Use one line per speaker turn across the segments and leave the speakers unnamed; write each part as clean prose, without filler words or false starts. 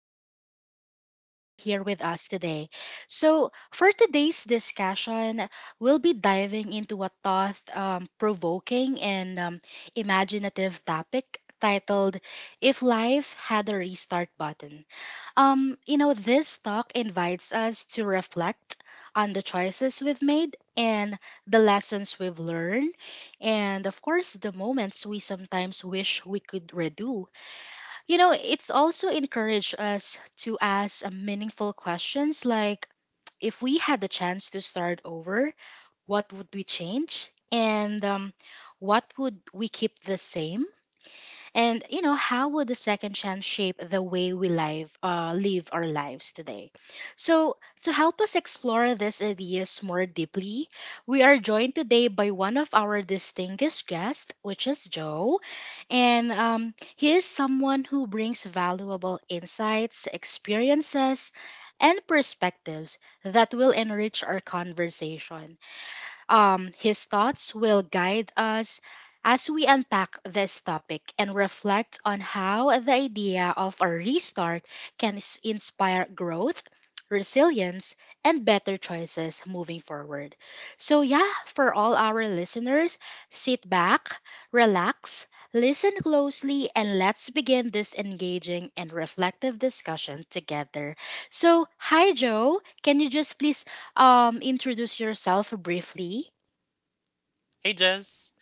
and I'm really glad you're here with us today. So, for today's discussion, we'll be diving into a thought provoking and imaginative topic titled If Life Had a Restart Button. This talk invites us to reflect on the choices we've made and the lessons we've learned, and of course, the moments we sometimes wish we could redo. It's also encouraged us to ask meaningful questions like if we had the chance to start over, what would we change? And what would we keep the same? And how would the second chance shape the way live our lives today? So, to help us explore these ideas more deeply, we are joined today by one of our distinguished guests, which is Joe. And he is someone who brings valuable insights, experiences, and perspectives that will enrich our conversation. His thoughts will guide us as we unpack this topic and reflect on how the idea of a restart can inspire growth, resilience, and better choices moving forward. So, yeah, for all our listeners, sit back, relax, listen closely, and let's begin this engaging and reflective discussion together. So, hi, Joe. Can you just please introduce yourself briefly?
Hey, Jess.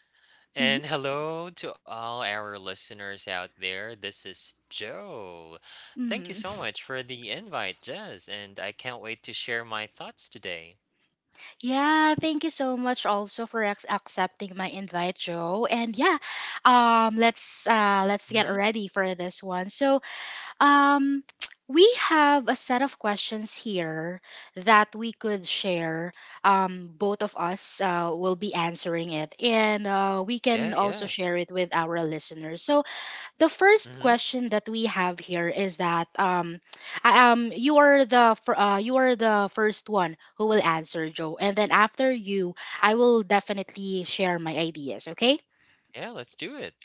Mhm.
And hello to all our listeners out there. This is Joe. Thank you
Mm.
so much for the invite, Jess. And I can't wait to share my thoughts today.
Yeah, thank you so much also for accepting my invite, Joe. And yeah, let's get
Hmm.
ready for this one. So, um we have a set of questions here that we could share. Both of us will be answering it, and we
Yeah,
can also
yeah.
share it with our listeners. So, the first
Hmm.
question that we have here is that you are the you are the first one who will answer, Joe, and then after you, I will definitely share my ideas. Okay.
Yeah, let's do it.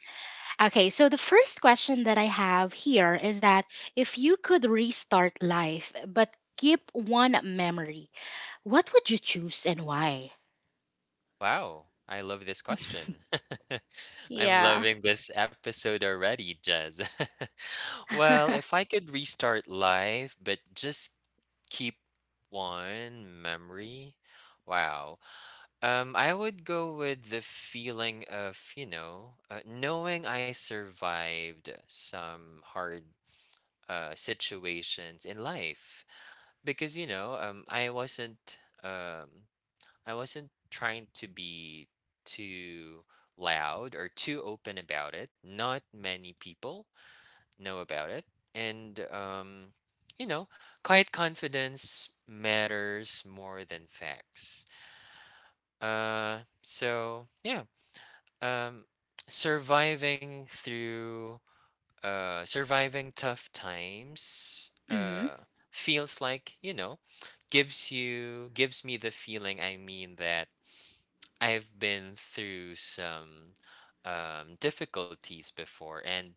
Okay. So the first question that I have here is that if you could restart life but keep one memory, what would you choose and why?
Wow. I love this question. I'm
Yeah.
loving this episode already, Jez. Well, if I could restart life, but just keep one memory. Wow. I would go with the feeling of, knowing I survived some hard situations in life, because, um, I wasn't trying to be too loud or too open about it. Not many people know about it. And, you know, quiet confidence matters more than facts. So yeah. um surviving through Surviving tough times
Mm-hmm.
feels like, gives me the feeling, I mean, that I've been through some difficulties before, and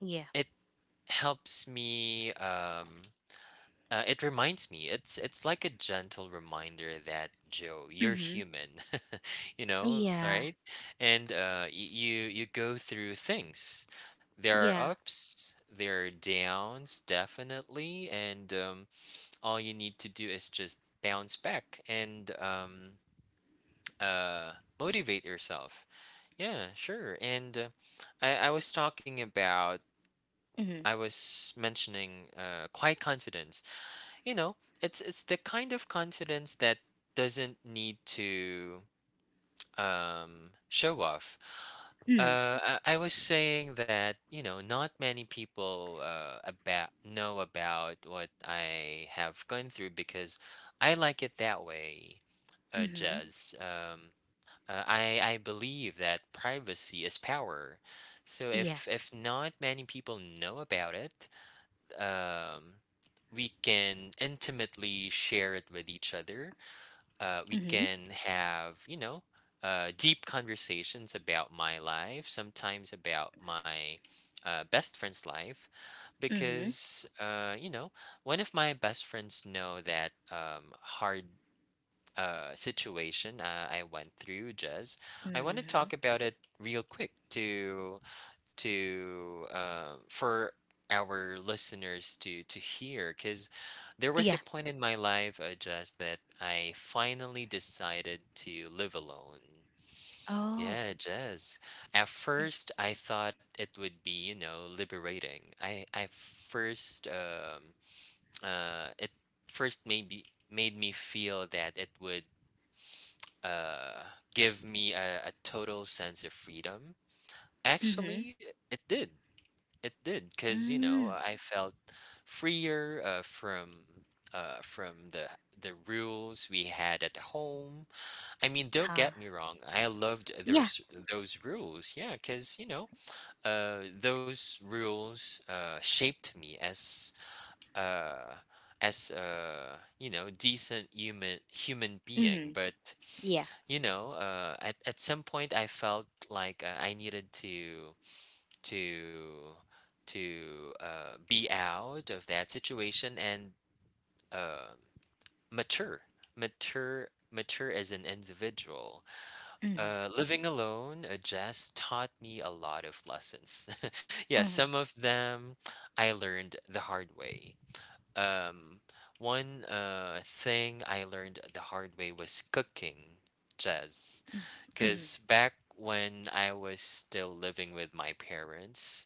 Yeah.
it helps me. It reminds me, it's like a gentle reminder that, Joe, you're
Mm-hmm.
human. You know,
Yeah.
right? And you go through things. There are
Yeah.
ups, there are downs, definitely, and all you need to do is just bounce back and uh, motivate yourself. Yeah, sure. And I was talking about,
Mm-hmm.
I was mentioning, quiet confidence, you know it's the kind of confidence that doesn't need to show off.
Mm-hmm.
I was saying that, not many people about know about what I have gone through, because I like it that way,
Mm-hmm.
Jazz. I believe that privacy is power. So
Yeah.
if not many people know about it, um we can intimately share it with each other. We
Mm-hmm.
can have, deep conversations about my life, sometimes about my, best friend's life,
Mm-hmm.
because, one of my best friends know that, hard situation I went through, Jez. I want to
Mhm.
talk about it real quick, to, for our listeners to hear, because there was a
Yeah.
point in my life, Jez, that I finally decided to live alone.
Oh.
Yeah, Jez. At
Mm.
first, I thought it would be, liberating. I first It first maybe made me feel that it would, uh, give me a total sense of freedom.
Mhm.
Actually, it did. It did, because,
Mm.
I felt freer, from the the rules we had at home. I mean, don't
Huh.
get me wrong. I loved
Yeah.
those rules. Yeah, because, those rules shaped me as, uh, as a, decent human being.
Mm.
But,
Yeah.
at some point, I felt like, I needed to to be out of that situation and, uh, mature mature as an individual.
Mhm.
Living alone just taught me a lot of lessons. Yeah,
Mhm.
some of them I learned the hard way. um, One thing I learned the hard way was cooking, Jazz.
Mhm.
Because back when I was still living with my parents,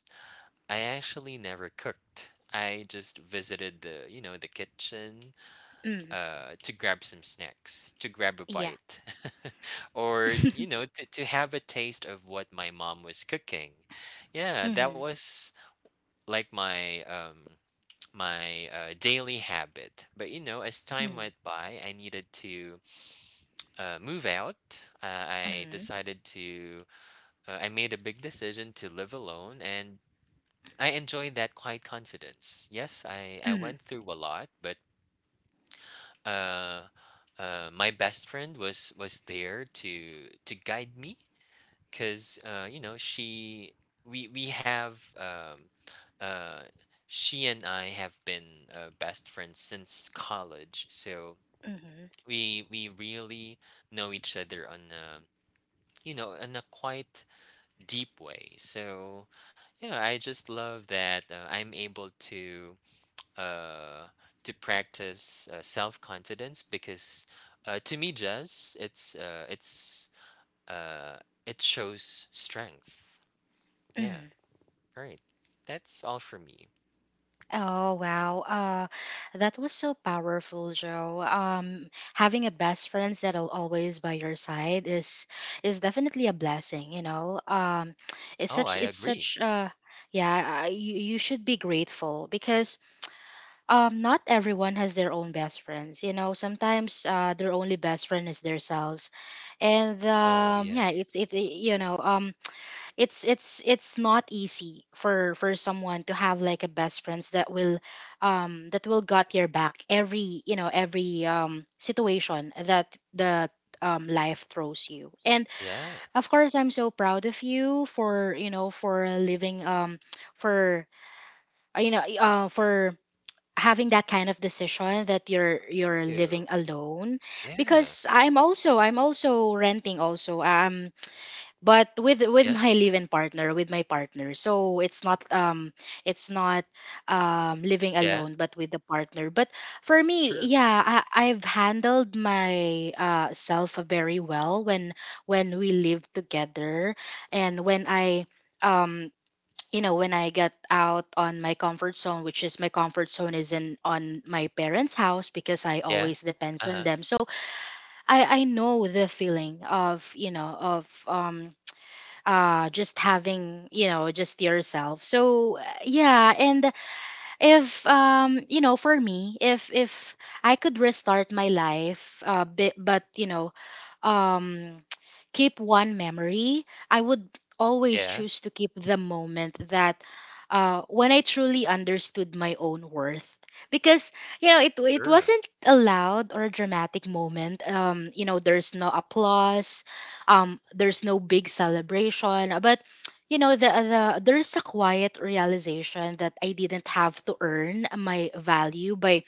I actually never cooked. I just visited the kitchen,
Mhm.
to grab some snacks, to grab a
Yeah.
bite, or, to have a taste of what my mom was cooking. Yeah, that
Mhm.
was like my daily habit. But, as time
Mhm.
went by, I needed to, move out. Uh, I
Mhm.
decided to, I made a big decision to live alone, and I enjoyed that quiet confidence. Yes, I
Mhm.
went through a lot, but, uh, my best friend was there to guide me, because, she we have, uh, she and I have been, best friends since college, so
Mhm.
we really know each other on a, you know in a quite deep way. So yeah, I just love that, I'm able to, uh, practice, self confidence because, to me, Jazz, uh, it shows strength. Yeah.
Mhm.
All right. That's all from me.
Oh wow. That was so powerful, Joe. Having a best friends that'll always by your side is definitely a blessing.
Oh, I
It's
agree.
such Yeah, you should be grateful because not everyone has their own best friends. Sometimes their only best friend is themselves. And
Oh,
yeah,
yes.
it's it's not easy for someone to have like a best friends that will got your back every you know every situation that life throws you. And
Yeah.
of course, I'm so proud of you for for living, for you know for having that kind of decision that you're
Thank
you're living
you.
alone
Yeah.
because I'm also renting also, but with
Yes.
my live-in partner with my partner, so it's not it's not living
Yeah.
alone but with the partner. But for me,
Sure.
yeah, I've handled my self very well when we live together, and when I um when I get out on my comfort zone, which is my comfort zone is in on my parents house because I
Yeah.
always depends
Uh
on
huh.
them. So I know the feeling of of just having, just yourself. So yeah. And if for me, if I could restart my life but um keep one memory, I would always
Yeah.
choose to keep the moment that when I truly understood my own worth because it
Sure.
wasn't a loud or dramatic moment. There's no applause, there's no big celebration, but there's a quiet realization that I didn't have to earn my value by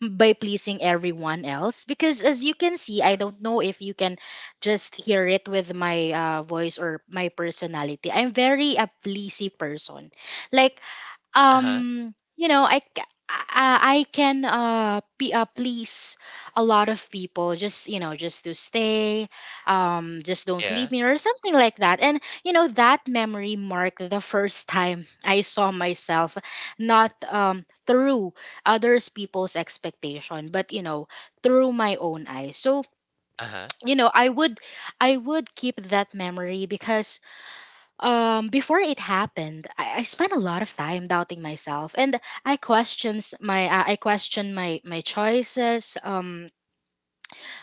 pleasing everyone else. Because as you can see, I
True.
don't know if you can just hear it with my voice or my personality. I'm very a pleasy person, like
Uh huh.
um you know i ca- I can please a lot of people just just to stay, just don't leave
Yeah.
me or something like that. And that memory marked the first time I saw myself, not through others people's expectation, but through my own eyes. So
Uh huh. Of
you know I would I would keep that memory because before it happened, I spent a lot of time doubting myself. And I questioned my choices,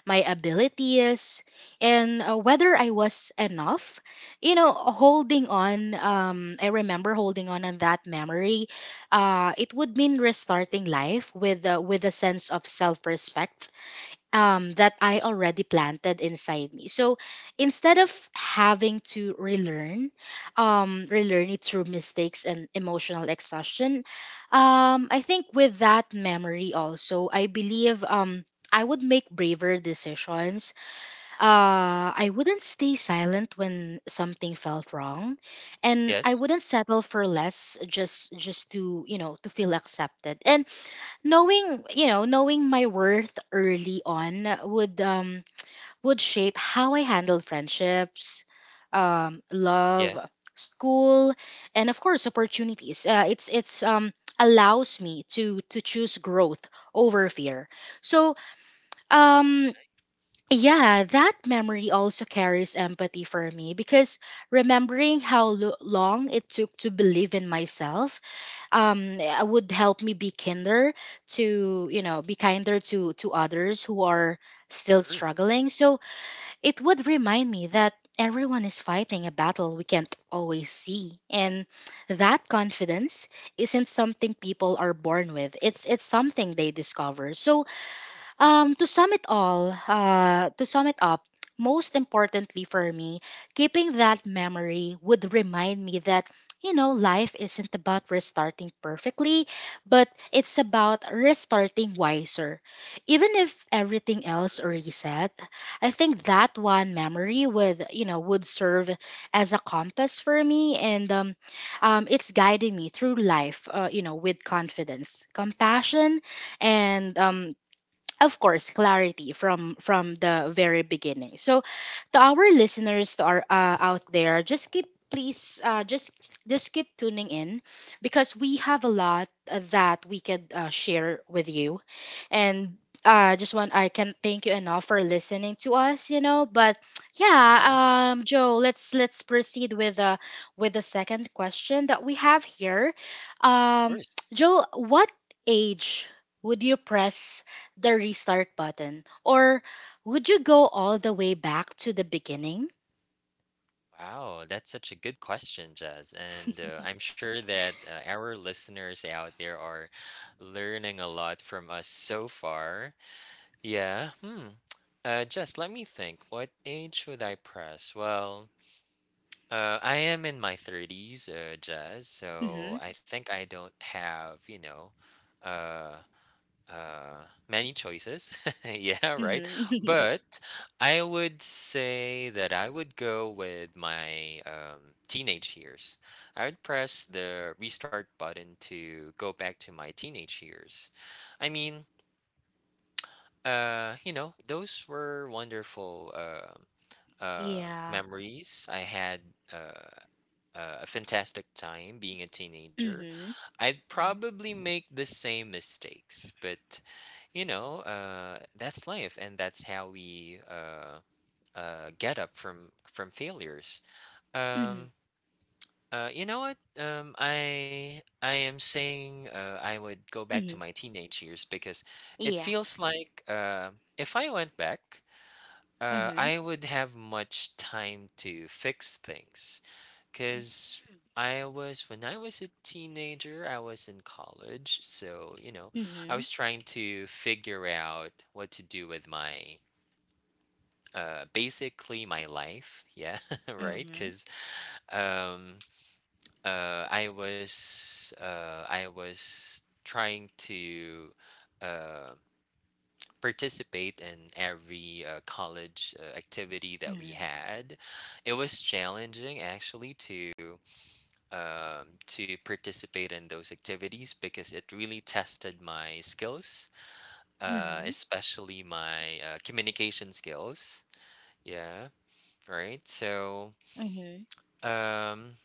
my abilities, and whether I was enough. You know holding on I remember holding on that memory. It would mean restarting life with a sense of self-respect that I
course.
already planted inside me. So instead of having to relearn it through mistakes and emotional exhaustion, I think with that memory also, I believe I would make braver decisions. I wouldn't stay silent when something felt wrong, and I
Yes.
wouldn't settle for less, just to feel accepted. And knowing you know knowing my worth early on would shape how I handle friendships, love,
Yeah.
school, and of course opportunities. Uh, it's allows me to choose growth over fear. So um
Nice.
yeah, that memory also carries empathy for me because remembering how long it took to believe in myself, would help me be kinder to, be kinder to others who are still
Sure.
struggling. So it would remind me that everyone is fighting a battle we can't always see, and that confidence isn't something people are born with, it's something they discover. So
Yeah.
to sum it up, most importantly for me, keeping that memory would remind me that, life isn't about restarting perfectly, but it's about restarting wiser. Even if everything else reset, I think that one memory would serve as a compass for me. And it's guiding me through life, with confidence, compassion, and of course clarity from the very beginning. So to our listeners, to our
Uh huh.
out there, just keep please, just keep tuning in because we have a lot that we could share with you. And just want I can thank you enough for listening to us, but
Uh huh.
yeah, Joe, let's proceed with the second question that we have here.
Of
um
course.
Joe, what age would you press the restart button? Or would you go all the way back to the beginning?
Wow, that's such a good question, Jazz. And, I'm sure that, our listeners out there are learning a lot from us so far. Yeah. Hmm. Just let me think. What age should I press? Well, I am in my thirties, Jazz.
Mm-hmm.
So I think I don't have, uh, many choices. Yeah, right.
Mm-hmm.
But I would say that I would go with my, teenage years. I would press the restart button to go back to my teenage years. I mean, those were wonderful,
Yeah.
memories. I had, uh, a fantastic time being a teenager.
Mm-hmm.
I'd probably make the same mistakes, but, that's life, and that's how we, get up from failures.
Mm-hmm.
Um, you know what? I am saying, I would go back
Mm-hmm.
to my teenage years, because it
Yeah.
feels like, if I went back,
Mm-hmm.
I would have much time to fix things, because I was when I was a teenager, I was in college, so, I
Mm-hmm.
was trying to figure out what to do with my basically my life. Yeah. Right?
Mm-hmm.
Because um I was trying to, um participate in every, college, activity that we
Mm-hmm.
had. It was challenging actually to participate in those activities, because it really tested my skills,
Mm-hmm.
especially my, communication skills. Yeah, right. So.
Mm-hmm.
Um,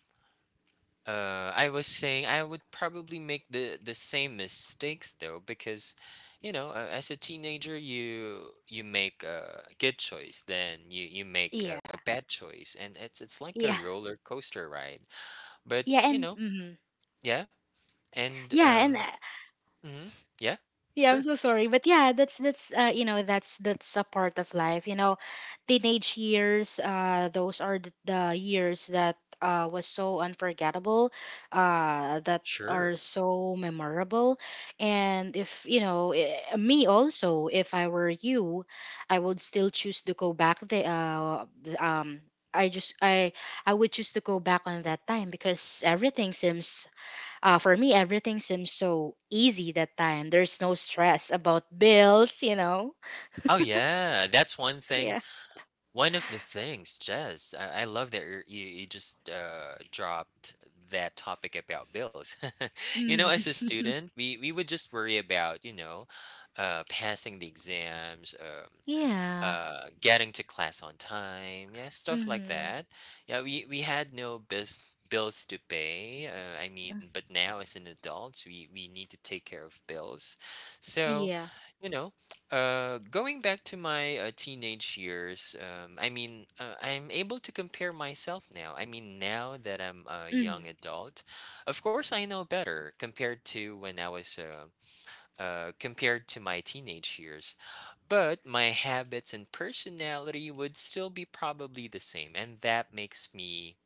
I was saying I would probably make the same mistakes, though, because, as a teenager, you make a good choice, then you make a,
Yeah.
a bad choice, and it's like a
Yeah.
roller coaster ride. But,
Yeah. And Mm-hmm.
yeah. And
Yeah. And
Mhm. Yeah.
Yeah, I'm
Sure.
so sorry, but yeah, that's you know that's a part of life. Teenage years, those are the years that was so unforgettable, that
Sure.
are so memorable. And if me also, if I were you, I would still choose to go back. I just I would choose to go back on that time because everything seems for me, everything seems so easy that time. There's no stress about bills, you know?
Oh yeah, that's one thing.
Yeah.
One of the things, Jess, I love that you just, dropped that topic about bills.
Hmm.
As a student, we would just worry about, passing the exams,
Yeah.
getting to class on time, yeah, stuff like
Hmm.
that. Yeah, we had no bills to pay. I mean, but now as an adult, we need to take care of bills. So,
Yeah.
you know, going back to my, teenage years, I mean, I'm able to compare myself now. I mean, now that I'm a
Hmm.
young adult, of course I know better compared to when I was, compared to my teenage years, but my habits and personality would still be probably the same, and that makes me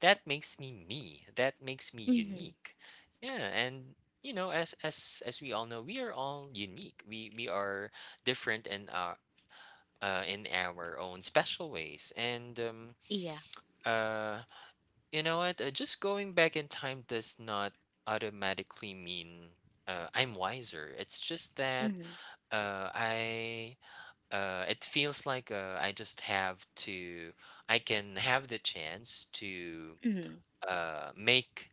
that makes me me. That makes me
Hmm.
unique. Yeah, and, as we all know, we are all unique. We are different in our own special ways, and,
Yeah.
uh, you know what? Just going back in time does not automatically mean, I'm wiser. It's just that
Hmm.
I it feels like, I just have to. I can have the chance to
Hmm.
uh, make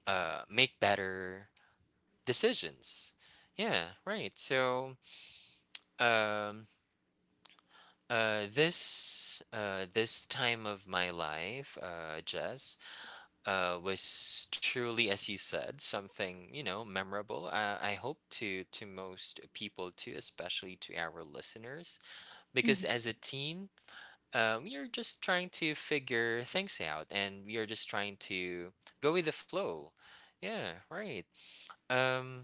make better decisions. Yeah, right. So, um, this time of my life, Jess, was truly, as you said, something, memorable. I hope to most people too, especially to our listeners, because
Hmm.
as a teen, you're just trying to figure things out, and you're just trying to go with the flow. Yeah, right. Um,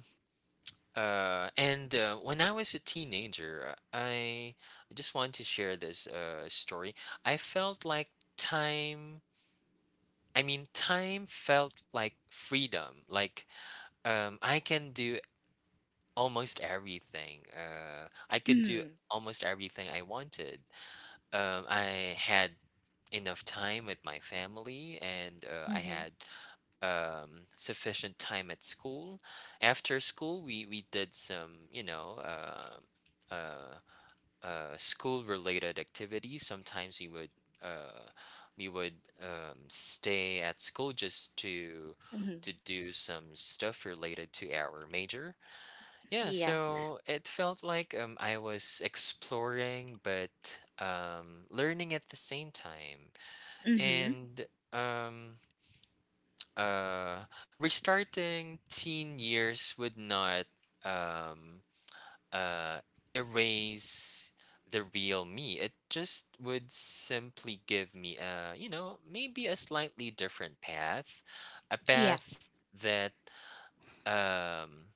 and, when I was a teenager, I just want to share this, story. I felt like time. I mean, time felt like freedom. Like, I can do almost everything. I could do
Hmm.
almost everything I wanted. I had enough time with my family, and I
Hmm.
had, sufficient time at school. After school, we did some, school related activities. Sometimes we would, uh, we would stay at school, just to
Hmm.
do some stuff related to our major. Yeah,
Yeah.
so it felt like, I was exploring but, learning at the same time.
Hmm.
And, um, uh, restarting teen years would not, um, uh, erase the real me. It just would simply give me maybe a slightly different path, a
Yeah.
path that, um,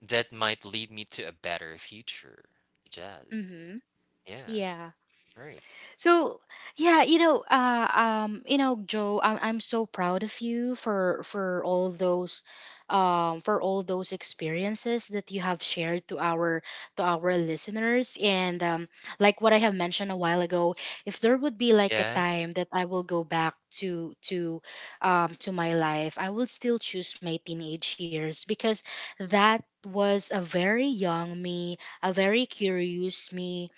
might lead me to a better future. Jazz.
Hmm.
Yeah.
Yeah.
All right.
So yeah, Joe, I'm so proud of you for all those, for all those experiences that you have shared to our listeners. And like what I have mentioned a while ago, if there would be like a
Yeah.
time that I will go back to to my life, I will still choose my teenage years because that was a very young me, a very curious me,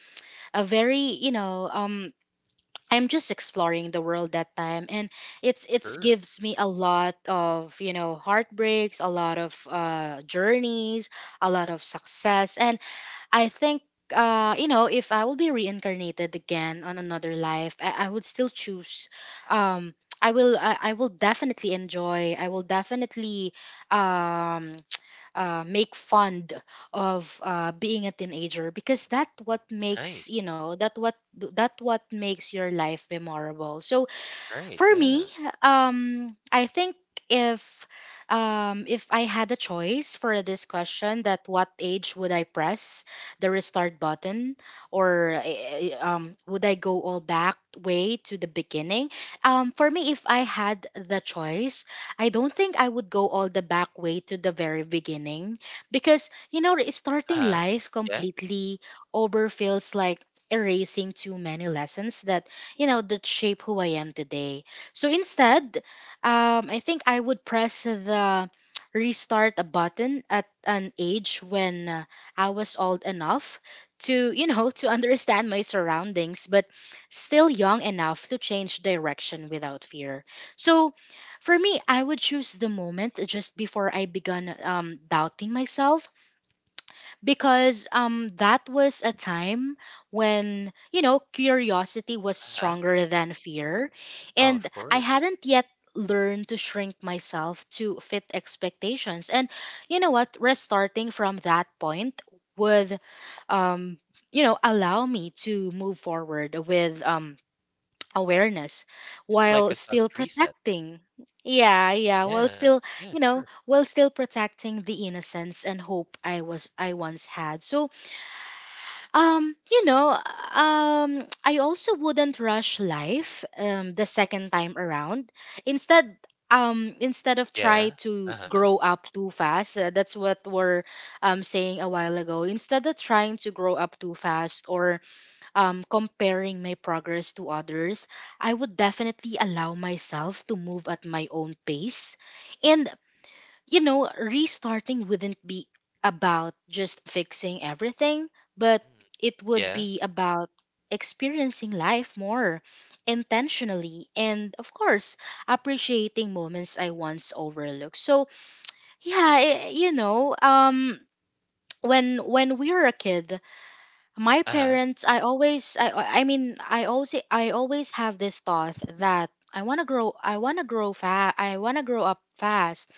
a very I'm just exploring the world that time and it's
Sure.
gives me a lot of, you know, heartbreaks, a lot of journeys, a lot of success. And I think you know, if I will be reincarnated again on another life, I would still choose, um I will I will definitely enjoy, I will definitely, um make fun of being a teenager, because that what makes, you
Nice.
know, that what, that what makes your life memorable. So
All right.
for me,
Yeah.
I think, if if I had a choice for this question, that what age would I press the restart button, or would I go all back way to the beginning? For me, if I had the choice, I don't think I would go all the back way to the very beginning, because you know, starting
Uh-huh.
life
Yeah.
completely over feels like erasing too many lessons that, you know, that shape who I am today. So instead, I think I would press the restart button at an age when I was old enough to, you know, to understand my surroundings, but still young enough to change direction without fear. So for me, I would choose the moment just before I began doubting myself, because that was a time when, you know, curiosity was
Uh-huh.
stronger than fear,
Oh,
and
of
I
course.
hadn't yet learned to shrink myself to fit expectations. And you know what, restarting from that point would, um you know, allow me to move forward with awareness
It's
while
like a
still
soft reset.
protecting. Yeah, yeah, while
Yeah.
still,
Yeah.
you know, while still protecting the innocence and hope I was I once had. So um you know I also wouldn't rush life the second time around. Instead, instead of try
Yeah.
to
Uh-huh.
grow up too fast, that's what we're saying a while ago, instead of trying to grow up too fast, or comparing my progress to others, I would definitely allow myself to move at my own pace. And, you know, restarting wouldn't be about just fixing everything, but
Mm.
it would
Yeah.
be about experiencing life more intentionally, and of course appreciating moments I once overlooked. So yeah, you know, when we were a kid, my
Uh-huh.
parents, I mean, I always have this thought that I want to grow, I want to grow fast, I want to grow up fast,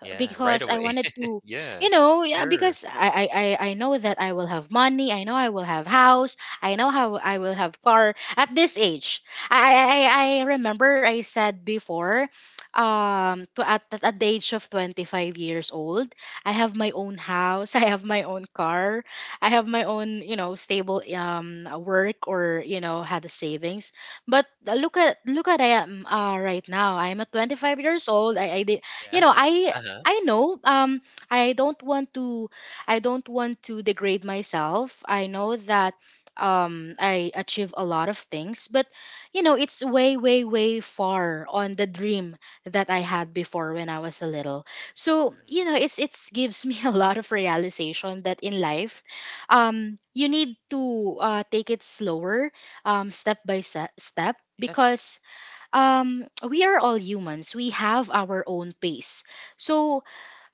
Yeah. Right
because I
away.
wanted to,
Yeah.
you know. Yeah,
Sure.
because I know that I will have money. I know I will have house. I know how I will have car at this age. I remember I said before, to at the age of 25 years old, I have my own house. I have my own car. I have my own, you know, stable work, or, you know, had the savings. But look at I am right now. I'm at 25 years old. I did, you know,
Yeah.
I
Uh-huh.
know, I don't want to, I don't want to degrade myself. I know that I achieve a lot of things, but you know, it's way way way far on the dream that I had before when I was a little. So,
Hmm.
you know, it's gives me a lot of realization that in life you need to take it slower, step by step, because
Yes.
we are all humans. We have our own pace. So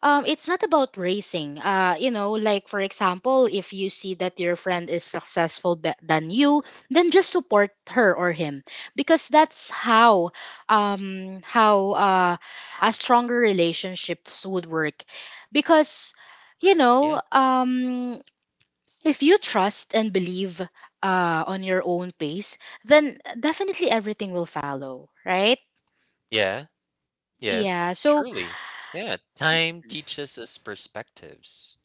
it's not about racing. You know, like for example, if you see that your friend is successful than you, then just support her or him, because that's how a stronger relationships would work. Because you
Right.
know,
Yes.
if you trust and believe on your own pace, then definitely everything will follow, right?
Yeah.
Yeah.
Yes.
So
Truly. Yeah. Time teaches us perspectives.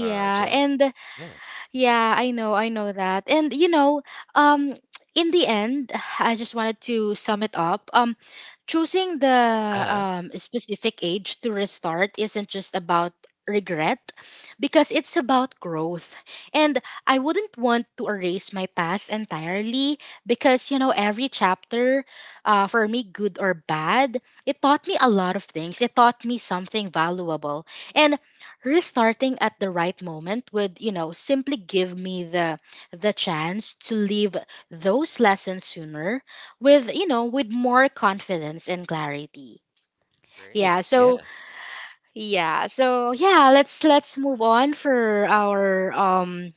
Just
and
yeah.
yeah, I know that. And you know, um in the end, I just wanted to sum it up. Choosing the
Uh-huh.
specific age to restart isn't just about regret, because it's about growth. And I wouldn't want to erase my past entirely, because you know, every chapter, for me, good or bad, it taught me a lot of things. It taught me something valuable. And restarting at the right moment would, you know, simply give me the chance to leave those lessons sooner with, you know, with more confidence and clarity. Yeah,
Great.
so
Yeah.
yeah, so yeah, let's move on for our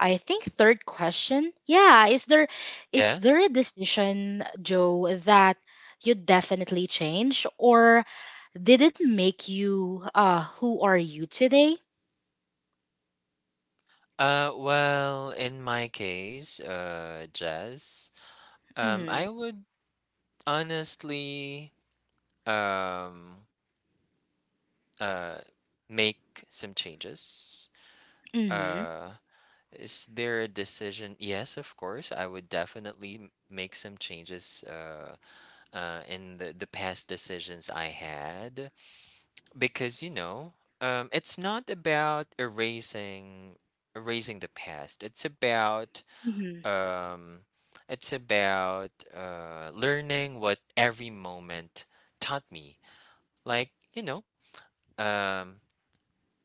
I think third question. Yeah, is there, is
Yeah.
there a decision, Joe, that you definitely change, or did it make you who are you today?
Well, in my case, Jazz.
Mm-hmm.
I would honestly, um uh make some changes.
Mhm.
Uh, is there a decision? Yes, of course. I would definitely make some changes. In the past decisions I had. Because, it's not about erasing the past. It's about,
Mhm.
um, learning what every moment taught me. Like, um,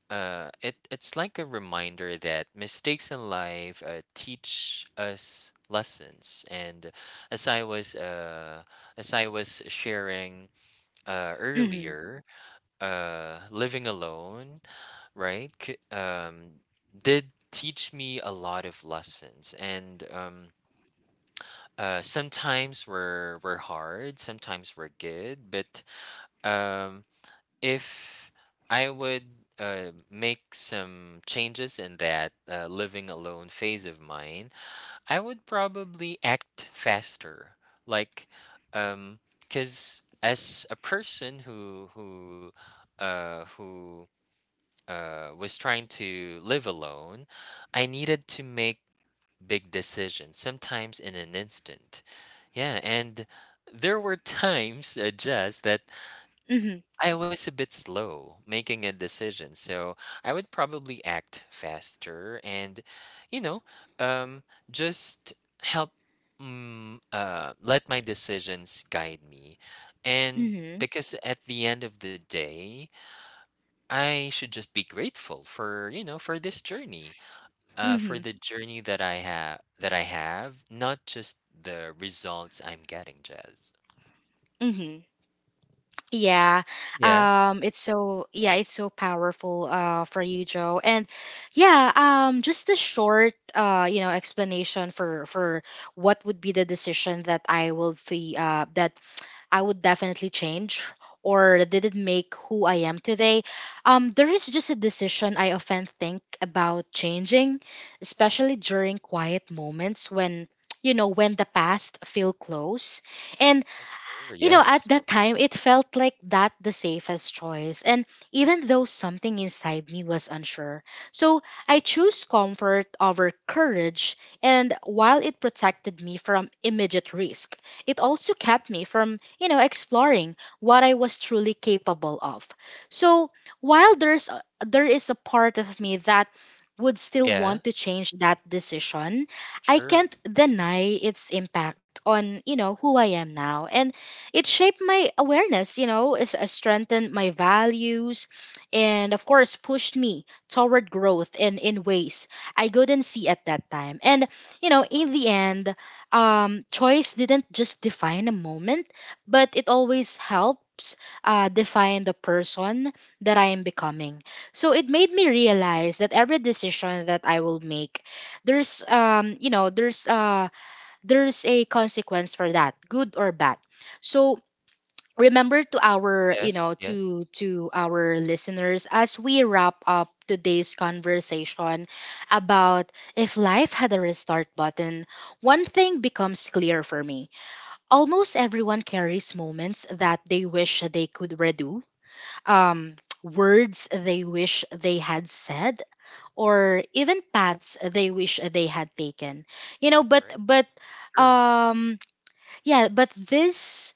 it's like a reminder that mistakes in life, teach us lessons. And as i was uh, as I was sharing,
Mhm.
earlier, living alone, right? Did teach me a lot of lessons. And, sometimes were hard, sometimes were good. But, um, if I would, make some changes in that, living alone phase of mine, I would probably act faster. Like, because as a person who was trying to live alone, I needed to make big decisions, sometimes in an instant. Yeah, and there were times, just that
Mhm.
I was a bit slow making a decision, so I would probably act faster and, you know, um, just help let my decisions guide me. And
Mhm.
because at the end of the day, I should just be grateful for this journey, for
Mhm.
the journey that I have, not just the results I'm getting, Jazz.
Mhm. Yeah.
Yeah.
It's so, yeah, it's so powerful for you, Joe. And yeah, just a short you know explanation for what would be the decision that I will fee, that I would definitely change, or did it make who I am today? There is just a decision I often think about changing, especially during quiet moments when, you know, when the past feel close, and
Oh, sure.
you know, at
Yes.
that time, it felt like that the safest choice. And even though something inside me was unsure. So I chose comfort over courage. And while it protected me from immediate risk, it also kept me from, you know, exploring what I was truly capable of. So while there is a part of me that would still want
Yeah.
to change that decision, I
Sure.
can't deny its impact on, you know, who I am now. And it shaped my awareness, you know, it strengthened my values, and of course pushed me toward growth in ways I couldn't see at that time. And you know,
Wow.
in
Love.
the end, choice didn't just define a moment, but it always helps define the person that I am becoming. So it made me realize that every decision that I will make, there's you know, there's a consequence for that, good or bad. So remember to our, you
Yes.
know,
Yes.
to our listeners, as we wrap up today's conversation about if life had a restart button, one thing becomes clear for me: almost everyone carries moments that they wish they could redo, um words they wish they had said, or even paths they wish they had taken. You know,
Right.
but
Sure.
um yeah, but this,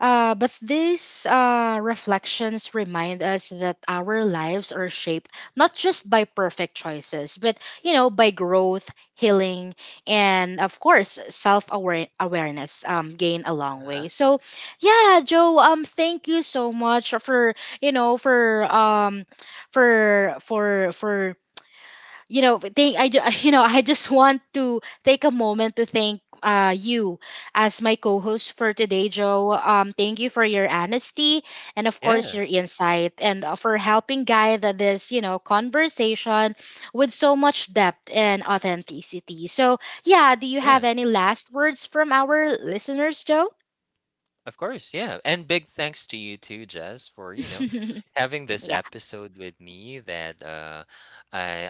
but these reflections remind us that our lives are shaped not just by perfect choices, but you know, by growth, healing, and of course, self awareness gain a long way.
Uh-huh.
So, yeah, Joe, thank you so much for, you know, for for for for you know, you know, I just want to take a moment to thank you as my co-host for today, Joe. Thank you for your honesty, and of course
Yeah.
your insight, and for helping guide this, you know, conversation with so much depth and authenticity. So yeah, do you
Yeah.
have any last words from our listeners, Joe?
Of course, yeah. And big thanks to you too, Jess, for, having this
Yeah.
episode with me that, I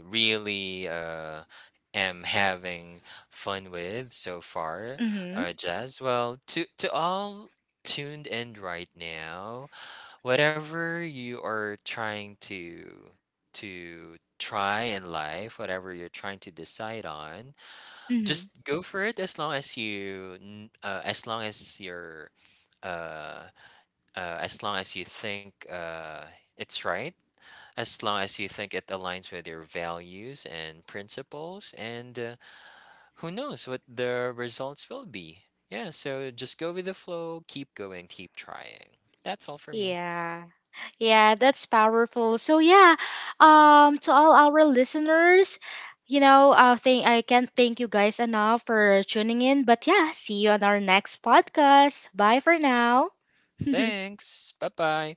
I really, am having fun with so far.
Hmm.
Jess, well, to all tuned in right now, whatever you are trying to try in life, whatever you're trying to decide on, just go for it, as long as as long as you're, uh, as long as you think, it's right, as long as you think it aligns with your values and principles, and, who knows what the results will be. Yeah, so just go with the flow, keep going, keep trying. That's all for me.
Yeah. Yeah, that's powerful. So yeah, to all our listeners, you know, thank, I can't thank you guys enough for tuning in. But yeah, see you on our next podcast. Bye for now.
Thanks. Bye bye.